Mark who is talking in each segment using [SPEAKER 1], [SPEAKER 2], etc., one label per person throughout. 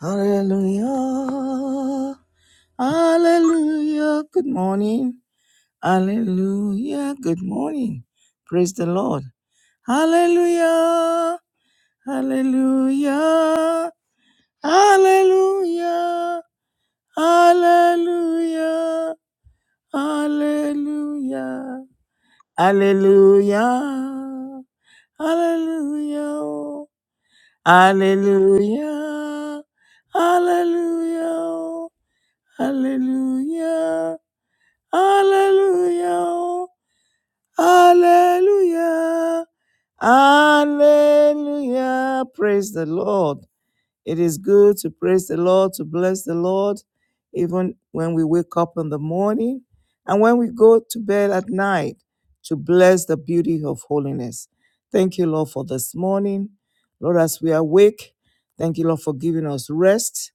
[SPEAKER 1] Hallelujah. Hallelujah. Good morning. Hallelujah. Good morning. Praise the Lord. Hallelujah. Hallelujah. Hallelujah. Hallelujah. Hallelujah. Hallelujah. Hallelujah. Hallelujah. Hallelujah. Hallelujah. Hallelujah. Hallelujah. Hallelujah. Praise the Lord. It is good to praise the Lord, to bless the Lord, even when we wake up in the morning and when we go to bed at night, to bless the beauty of holiness. Thank you, Lord, for this morning. Lord, as we awake, thank you, Lord, for giving us rest.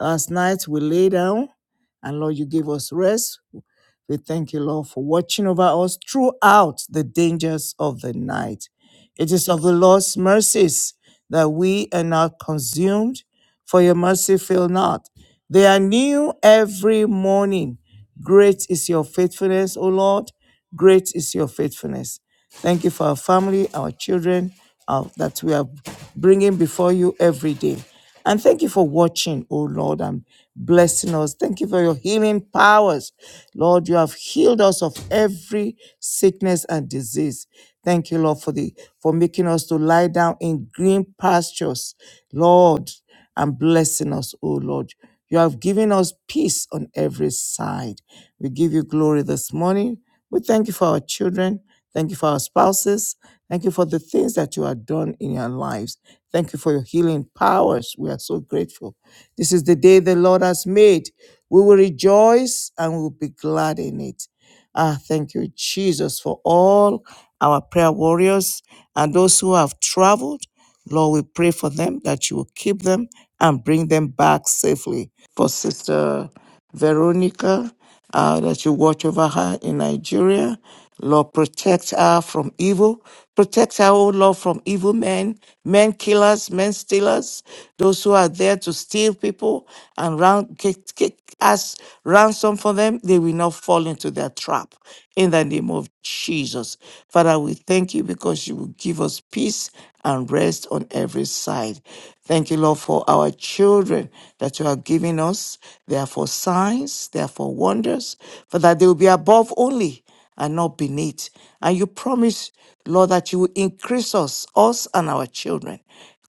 [SPEAKER 1] Last night we lay down and Lord, you gave us rest. We thank you, Lord, for watching over us throughout the dangers of the night. It is of the Lord's mercies that we are not consumed, for your mercy fail not. They are new every morning. Great is your faithfulness, O Lord. Great is your faithfulness. Thank you for our family, our children uh, that we are bringing before you every day. And thank you for watching, O Lord, and blessing us. Thank you for your healing powers. Lord, you have healed us of every sickness and disease. Thank you, Lord, for the for making us to lie down in green pastures. Lord, and blessing us, O Lord. You have given us peace on every side. We give you glory this morning. We thank you for our children. Thank you for our spouses. Thank you for the things that you have done in our lives. Thank you for your healing powers. We are so grateful. This is the day the Lord has made. We will rejoice and we will be glad in it. Ah, thank you, Jesus, for all our prayer warriors and those who have traveled. Lord, we pray for them that you will keep them and bring them back safely. For Sister Veronica, uh, that you watch over her in Nigeria. Lord, protect her from evil. Protect her, oh Lord, from evil men, men killers, men stealers, those who are there to steal people and round, get, get, ask ransom for them. They will not fall into their trap in the name of Jesus. Father, we thank you because you you will give us peace and rest on every side. Thank you, Lord, for our children that you have given us. They are for signs, they are for wonders, for that they will be above only and not beneath. And you promise, Lord, that you will increase us, us and our children.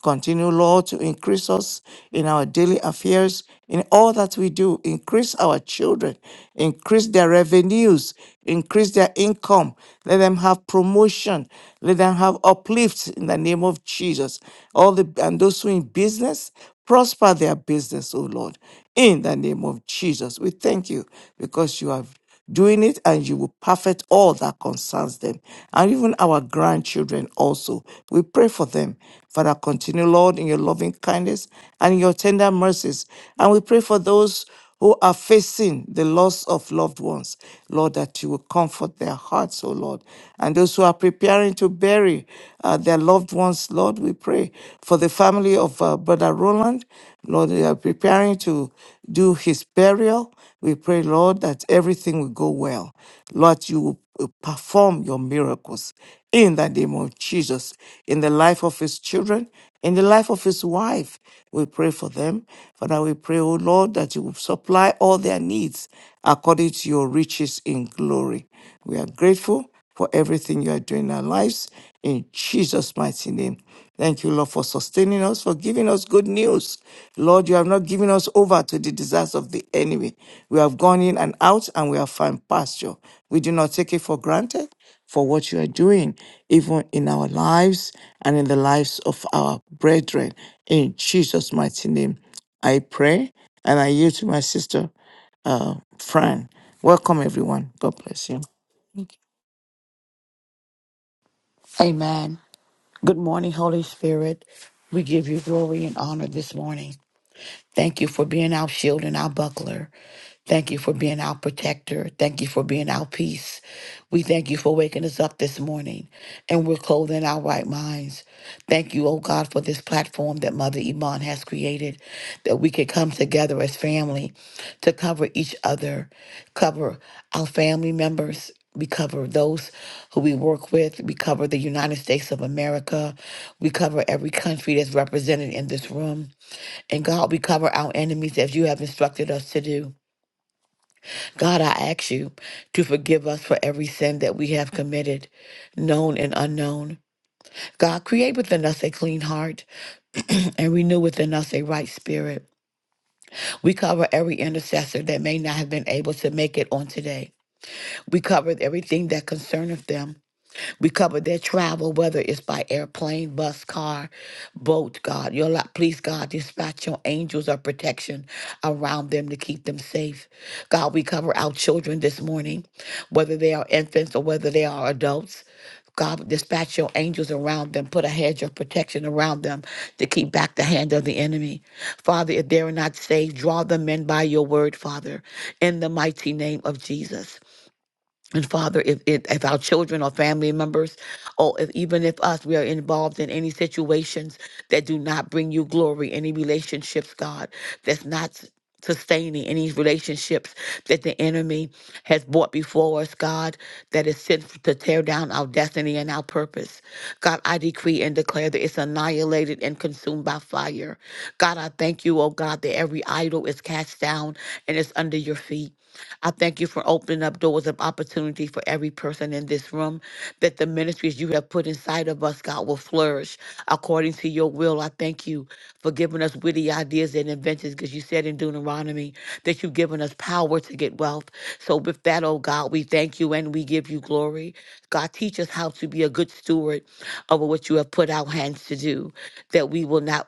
[SPEAKER 1] Continue, Lord, to increase us in our daily affairs, in all that we do. Increase our children, increase their revenues, increase their income. Let them have promotion. Let them have uplift in the name of Jesus. All the and those who in business, prosper their business, O Lord. In the name of Jesus, we thank you because you have doing it and you will perfect all that concerns them and even our grandchildren also we pray for them father continue lord in your loving kindness and in your tender mercies and we pray for those who are facing the loss of loved ones lord that you will comfort their hearts oh lord and those who are preparing to bury uh, their loved ones lord we pray for the family of uh, uh, Brother Roland. Lord, we are preparing to do his burial. We pray, Lord, that everything will go well. Lord, you will uh, perform your miracles in the name of Jesus, in the life of his children, in the life of his wife. We pray for them. Father, we pray, O Lord, that you will supply all their needs according to your riches in glory. We are grateful for everything you are doing in our lives. In Jesus' mighty name. Thank you, Lord, for sustaining us, for giving us good news. Lord, you have not given us over to the desires of the enemy. We have gone in and out and we have found pasture. We do not take it for granted for what you are doing, even in our lives and in the lives of our brethren. In Jesus' mighty name, I pray and I yield to my sister, uh, Fran. Welcome, everyone. God bless you.
[SPEAKER 2] Amen. Good morning, Holy Spirit. We give you glory and honor this morning. Thank you for being our shield and our buckler. Thank you for being our protector. Thank you for being our peace. We thank you for waking us up this morning and we're clothed in our right minds. Thank you, oh God, for this platform that Mother Iman has created, that we could come together as family to cover each other, cover our family members. We cover those who we work with. We cover the United States of America. We cover every country that's represented in this room. And God, we cover our enemies as you have instructed us to do. God, I ask you to forgive us for every sin that we have committed, known and unknown. God, create within us a clean heart and renew within us a right spirit. We cover every intercessor that may not have been able to make it on today. We cover everything that concerneth them We cover their travel, whether it's by airplane, bus, car, boat, God. Your lot, please, God, dispatch your angels of protection around them to keep them safe. God, we cover our children this morning, whether they are infants or whether they are adults. God, dispatch your angels around them, put a hedge of protection around them to keep back the hand of the enemy. Father, if they are not saved, draw them in by your word, Father, in the mighty name of Jesus. And Father, if, if if our children or family members, or if even if us, we are involved in any situations that do not bring you glory, any relationships, God, that's not s- sustaining any relationships that the enemy has brought before us, God, that is sent to tear down our destiny and our purpose. God, I decree and declare that it's annihilated and consumed by fire. God, I thank you, oh God, that every idol is cast down and it's under your feet. I thank you for opening up doors of opportunity for every person in this room, that the ministries you have put inside of us, God, will flourish according to your will. I thank you for giving us witty ideas and inventions, because you said in Deuteronomy that you've given us power to get wealth. So, with that, oh God, we thank you and we give you glory. God, teach us how to be a good steward over what you have put our hands to do, that we will not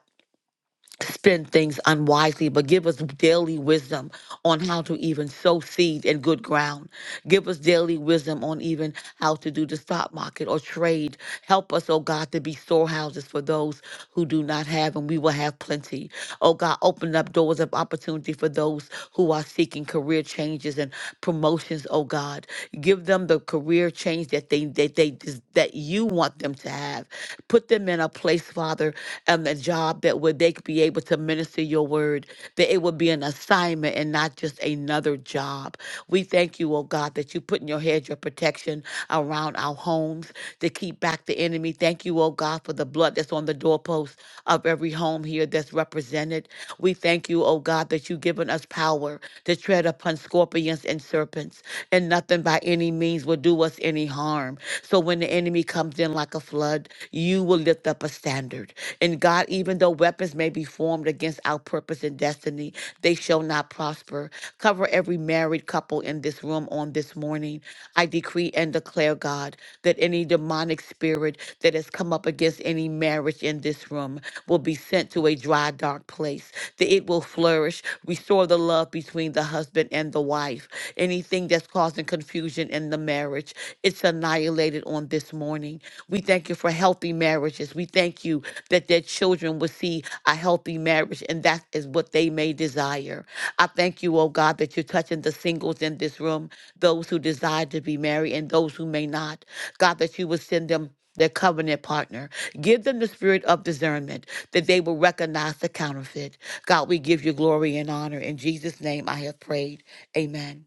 [SPEAKER 2] spend things unwisely, but give us daily wisdom on how to even sow seed in good ground. Give us daily wisdom on even how to do the stock market or trade. Help us, oh God, to be storehouses for those who do not have, and we will have plenty. Oh God, open up doors of opportunity for those who are seeking career changes and promotions, oh God. Give them the career change that they that they des- that you want them to have. Put them in a place, Father, and the job that where they could be able to minister your word, that it would be an assignment and not just another job. We thank you, oh God, that you put in your head your protection around our homes to keep back the enemy. Thank you, oh God, for the blood that's on the doorpost doorposts of every home here that's represented. We thank you, oh God, that you've given us power to tread upon scorpions and serpents, and nothing by any means will do us any harm. So when the enemy comes in like a flood, you will lift up a standard. And God, even though weapons may be formed against our purpose and destiny, they shall not prosper. Cover every married couple in this room on this morning. I decree and declare, God, that any demonic spirit that has come up against any marriage in this room will be sent to a dry, dark place, that it will flourish, restore the love between the husband and the wife. Anything that's causing confusion in the marriage, it's annihilated on this morning. We thank you for healthy marriages. We thank you that their children will see a healthy marriage, and that is what they may desire. I thank you, oh God, that you're touching the singles in this room, those who desire to be married and those who may not. God, that you would send them their covenant partner. Give them the spirit of discernment that they will recognize the counterfeit. God, we give you glory and honor. In Jesus' name I have prayed. Amen.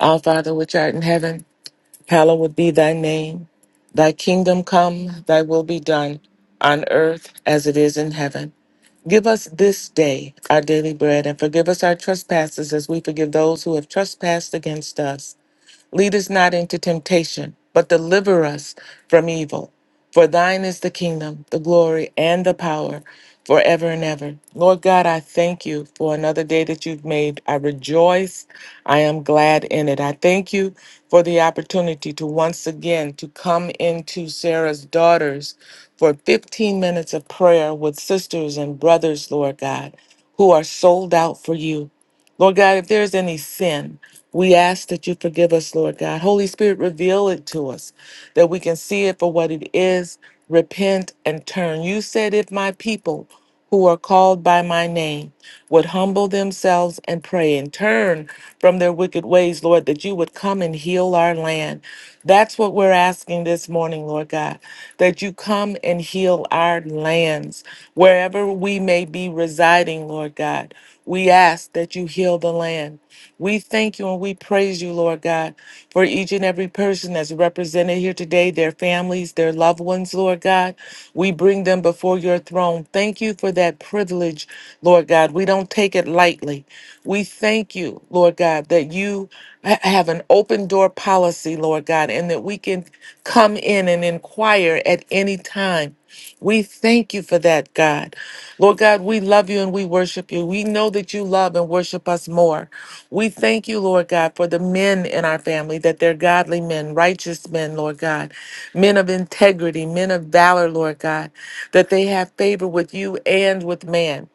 [SPEAKER 3] Our Father which art in heaven, hallowed be thy name. Thy kingdom come, thy will be done, on earth as it is in heaven. Give us this day our daily bread, and forgive us our trespasses as we forgive those who have trespassed against us. Lead us not into temptation, but deliver us from evil. For thine is the kingdom, the glory, and the power forever and ever. Lord God, I thank you for another day that you've made. I rejoice. I am glad in it. I thank you for the opportunity to once again to come into Sarah's daughters for 15 minutes of prayer with sisters and brothers, Lord God, who are sold out for you. Lord God, if there is any sin, we ask that you forgive us, Lord God. Holy Spirit, reveal it to us that we can see it for what it is, repent and turn. You said, if my people who are called by my name would humble themselves and pray and turn from their wicked ways, Lord, that you would come and heal our land. That's what we're asking this morning, Lord God, that you come and heal our lands wherever we may be residing, Lord God. We ask that you heal the land. We thank you and we praise you, Lord God, for each and every person that's represented here today, their families, their loved ones, Lord God. We bring them before your throne. Thank you for that privilege, Lord God. We don't take it lightly. We thank you, Lord God, that you ha- have an open door policy, Lord God, and that we can come in and inquire at any time. We thank you for that, God. Lord God, we love you and we worship you. We know that you love and worship us more. We thank you, Lord God, for the men in our family, that they're godly men, righteous men, Lord God, men of integrity, men of valor, Lord God, that they have favor with you and with man,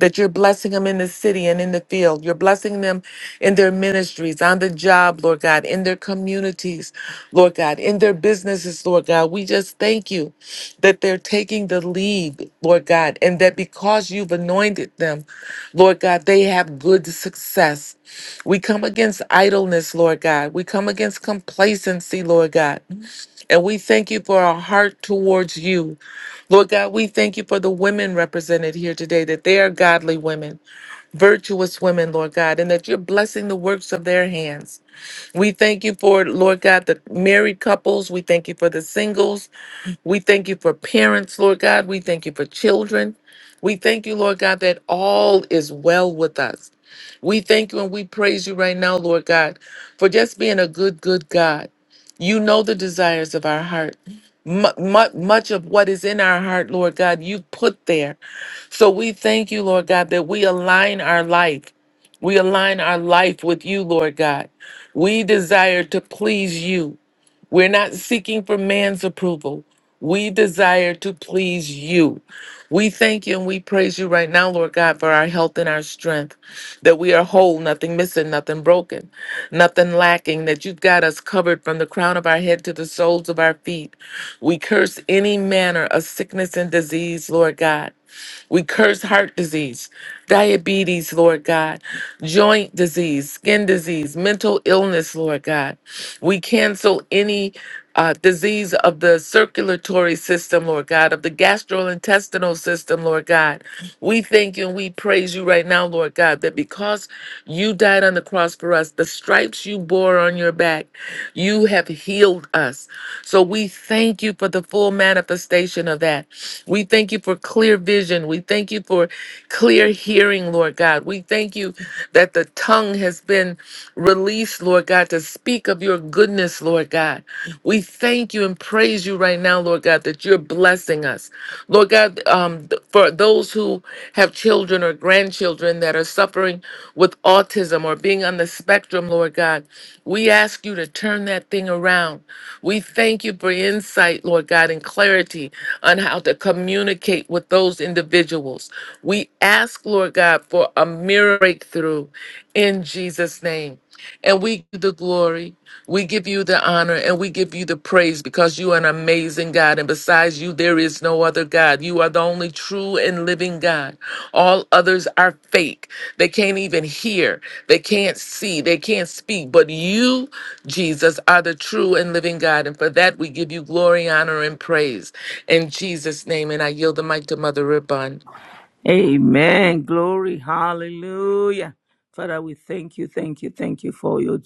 [SPEAKER 3] that you're blessing them in the city and in the field. You're blessing them in their ministries, on the job, Lord God, in their communities, Lord God, in their businesses, Lord God. We just thank you that they're taking the lead, Lord God, and that because you've anointed them, Lord God, they have good success. We come against idleness, Lord God. We come against complacency, Lord God. And we thank you for our heart towards you. Lord God, we thank you for the women represented here today, that they are godly women, virtuous women, Lord God, and that you're blessing the works of their hands. We thank you for, Lord God, the married couples. We thank you for the singles. We thank you for parents, Lord God. We thank you for children. We thank you, Lord God, that all is well with us. We thank you and we praise you right now, Lord God, for just being a good, good God. You know the desires of our heart. Mu- mu- Much of what is in our heart, Lord God, you put there. So we thank you, Lord God, that we align our life. We align our life with you, Lord God. We desire to please you. We're not seeking for man's approval. We desire to please you. We thank you and we praise you right now, Lord God, for our health and our strength, that we are whole, nothing missing, nothing broken, nothing lacking, that you've got us covered from the crown of our head to the soles of our feet. We curse any manner of sickness and disease, Lord God. We curse heart disease, diabetes, Lord God, joint disease, skin disease, mental illness, Lord God. We cancel any uh, disease of the circulatory system, Lord God, of the gastrointestinal system, Lord God. We thank you and we praise you right now, Lord God, that because you died on the cross for us, the stripes you bore on your back, you have healed us. So we thank you for the full manifestation of that. We thank you for clear vision. We thank you for clear hearing, Lord God. We thank you that the tongue has been released, Lord God, to speak of your goodness, Lord God. We thank you and praise you right now, Lord God, that you're blessing us. Lord God, um, th- for those who have children or grandchildren that are suffering with autism or being on the spectrum, Lord God, we ask you to turn that thing around. We thank you for insight, Lord God, and clarity on how to communicate with those individuals. We ask, Lord God, for a mirror breakthrough in Jesus' name. And we give you the glory, we give you the honor, and we give you the praise because you are an amazing God. And besides you, there is no other God. You are the only true and living God. All others are fake. They can't even hear, they can't see, they can't speak. But you, Jesus, are the true and living God. And for that, we give you glory, honor, and praise. In Jesus' name, and I yield the mic to Mother Ribbon.
[SPEAKER 4] Amen. Glory. Hallelujah. Father, we thank you, thank you, thank you for your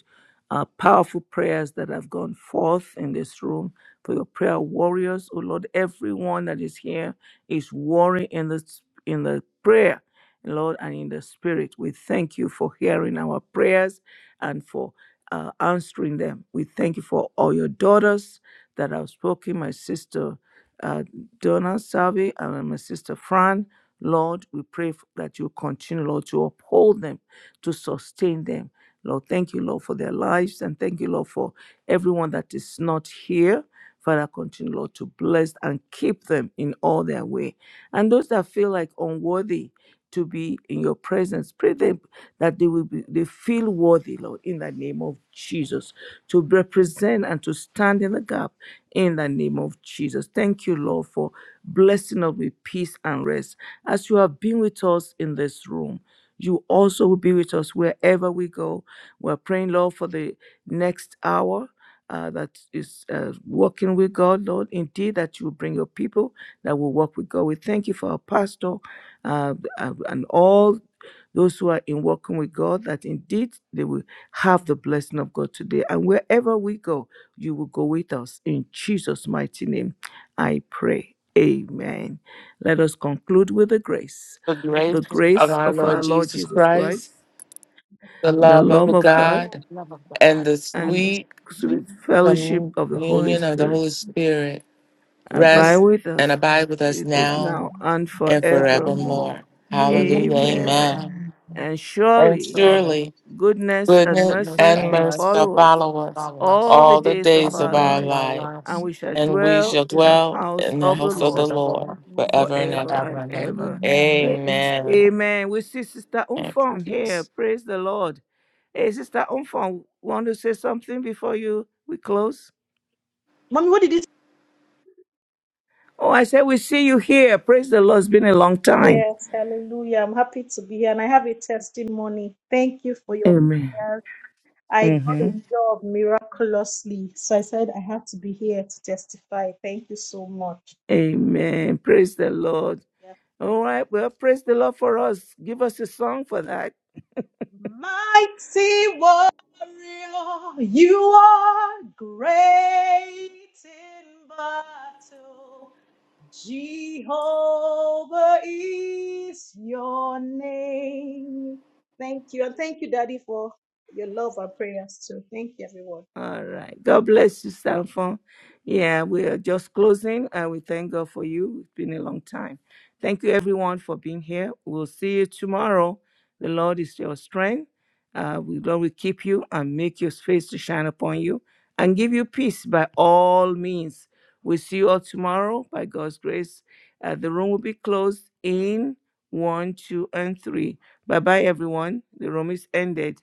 [SPEAKER 4] uh, powerful prayers that have gone forth in this room, for your prayer warriors. Oh Lord, everyone that is here is warring in the, in the prayer, Lord, and in the spirit. We thank you for hearing our prayers and for uh, answering them. We thank you for all your daughters that have spoken, my sister uh, Donna Salvi and my sister Fran. Lord, we pray that you continue, Lord, to uphold them, to sustain them. Lord, thank you, Lord, for their lives, and thank you, Lord, for everyone that is not here. Father, continue, Lord, to bless and keep them in all their way. And those that feel like unworthy to be in your presence, pray them that they will be they feel worthy, Lord, in the name of Jesus to represent and to stand in the gap in the name of Jesus. Thank you, Lord, for blessing us with peace and rest. As you have been with us in this room, you also will be with us wherever we go. We're praying, Lord, for the next hour. Uh, that is uh, working with God, Lord. Indeed, that you will bring your people that will walk with God. We thank you for our pastor uh, uh, and all those who are in walking with God, that indeed they will have the blessing of God today. And wherever we go, you will go with us. In Jesus' mighty name, I pray. Amen. Let us conclude with the grace.
[SPEAKER 3] The grace
[SPEAKER 4] The
[SPEAKER 3] of
[SPEAKER 4] grace
[SPEAKER 3] our
[SPEAKER 4] of our
[SPEAKER 3] Lord
[SPEAKER 4] Lord
[SPEAKER 3] Jesus
[SPEAKER 4] Jesus Christ,
[SPEAKER 3] Christ, the
[SPEAKER 4] the
[SPEAKER 3] love
[SPEAKER 4] love
[SPEAKER 3] of
[SPEAKER 4] of God,
[SPEAKER 3] God
[SPEAKER 2] Love of
[SPEAKER 3] and
[SPEAKER 2] God.
[SPEAKER 3] the
[SPEAKER 5] on
[SPEAKER 4] and
[SPEAKER 5] the
[SPEAKER 3] sweet
[SPEAKER 4] sweet fellowship of the Holy
[SPEAKER 3] communion of the
[SPEAKER 4] Spirit
[SPEAKER 3] Holy Spirit
[SPEAKER 4] abide
[SPEAKER 5] spirit
[SPEAKER 3] rest
[SPEAKER 4] with
[SPEAKER 3] and
[SPEAKER 4] us,
[SPEAKER 3] abide with us
[SPEAKER 4] with us
[SPEAKER 3] now
[SPEAKER 4] now and
[SPEAKER 3] and
[SPEAKER 5] forevermore.
[SPEAKER 3] forevermore.
[SPEAKER 4] forevermore.
[SPEAKER 3] Hallelujah.
[SPEAKER 4] Amen.
[SPEAKER 3] Amen.
[SPEAKER 5] Amen.
[SPEAKER 4] And
[SPEAKER 3] And
[SPEAKER 4] surely
[SPEAKER 3] surely
[SPEAKER 4] Goodness and
[SPEAKER 3] goodness
[SPEAKER 4] mercy
[SPEAKER 3] and
[SPEAKER 4] shall
[SPEAKER 3] mercy shall
[SPEAKER 4] follow us
[SPEAKER 3] follow us
[SPEAKER 4] all the
[SPEAKER 3] all the
[SPEAKER 4] days of
[SPEAKER 3] days of
[SPEAKER 4] our
[SPEAKER 3] our
[SPEAKER 4] lives,
[SPEAKER 3] life,
[SPEAKER 4] and we shall
[SPEAKER 3] and we
[SPEAKER 4] dwell
[SPEAKER 3] shall
[SPEAKER 4] in the
[SPEAKER 3] dwell
[SPEAKER 4] house
[SPEAKER 3] in the
[SPEAKER 4] of the
[SPEAKER 3] house of the
[SPEAKER 4] Lord
[SPEAKER 3] Lord forever and ever.
[SPEAKER 4] forever and ever. Yes.
[SPEAKER 3] Amen.
[SPEAKER 4] Amen. We see Sister
[SPEAKER 3] Thank
[SPEAKER 4] Umfong
[SPEAKER 3] you,
[SPEAKER 4] here.
[SPEAKER 3] Jesus.
[SPEAKER 4] Praise the Lord. Hey, Sister Umfong, want to say something before you we close?
[SPEAKER 5] Mommy, what did you
[SPEAKER 4] Oh, I said we see you here. Praise the Lord. It's been a long time.
[SPEAKER 5] Yes, hallelujah. I'm happy to be here and I have a testimony. Thank you for your
[SPEAKER 4] Amen.
[SPEAKER 5] prayers. I got a
[SPEAKER 4] hmm
[SPEAKER 5] job miraculously. So I said I have to be here to testify. Thank you so much.
[SPEAKER 4] Amen. Praise the Lord. All right. Well, praise the Lord for us. Give us a song for that.
[SPEAKER 5] Mighty warrior, you are great in battle. Jehovah is your name. Thank you. And thank you, Daddy, for your love and prayers too. Thank you, everyone.
[SPEAKER 4] All right. God bless you, Sanfon. Yeah, we are just closing and we thank God for you. It's been a long time. Thank you, everyone, for being here. We'll see you tomorrow. The Lord is your strength. Uh, we Lord will keep you and make your face to shine upon you and give you peace by all means. We'll see you all tomorrow by God's grace. Uh, the room will be closed in one, two, and three. Bye bye, everyone. The room is ended.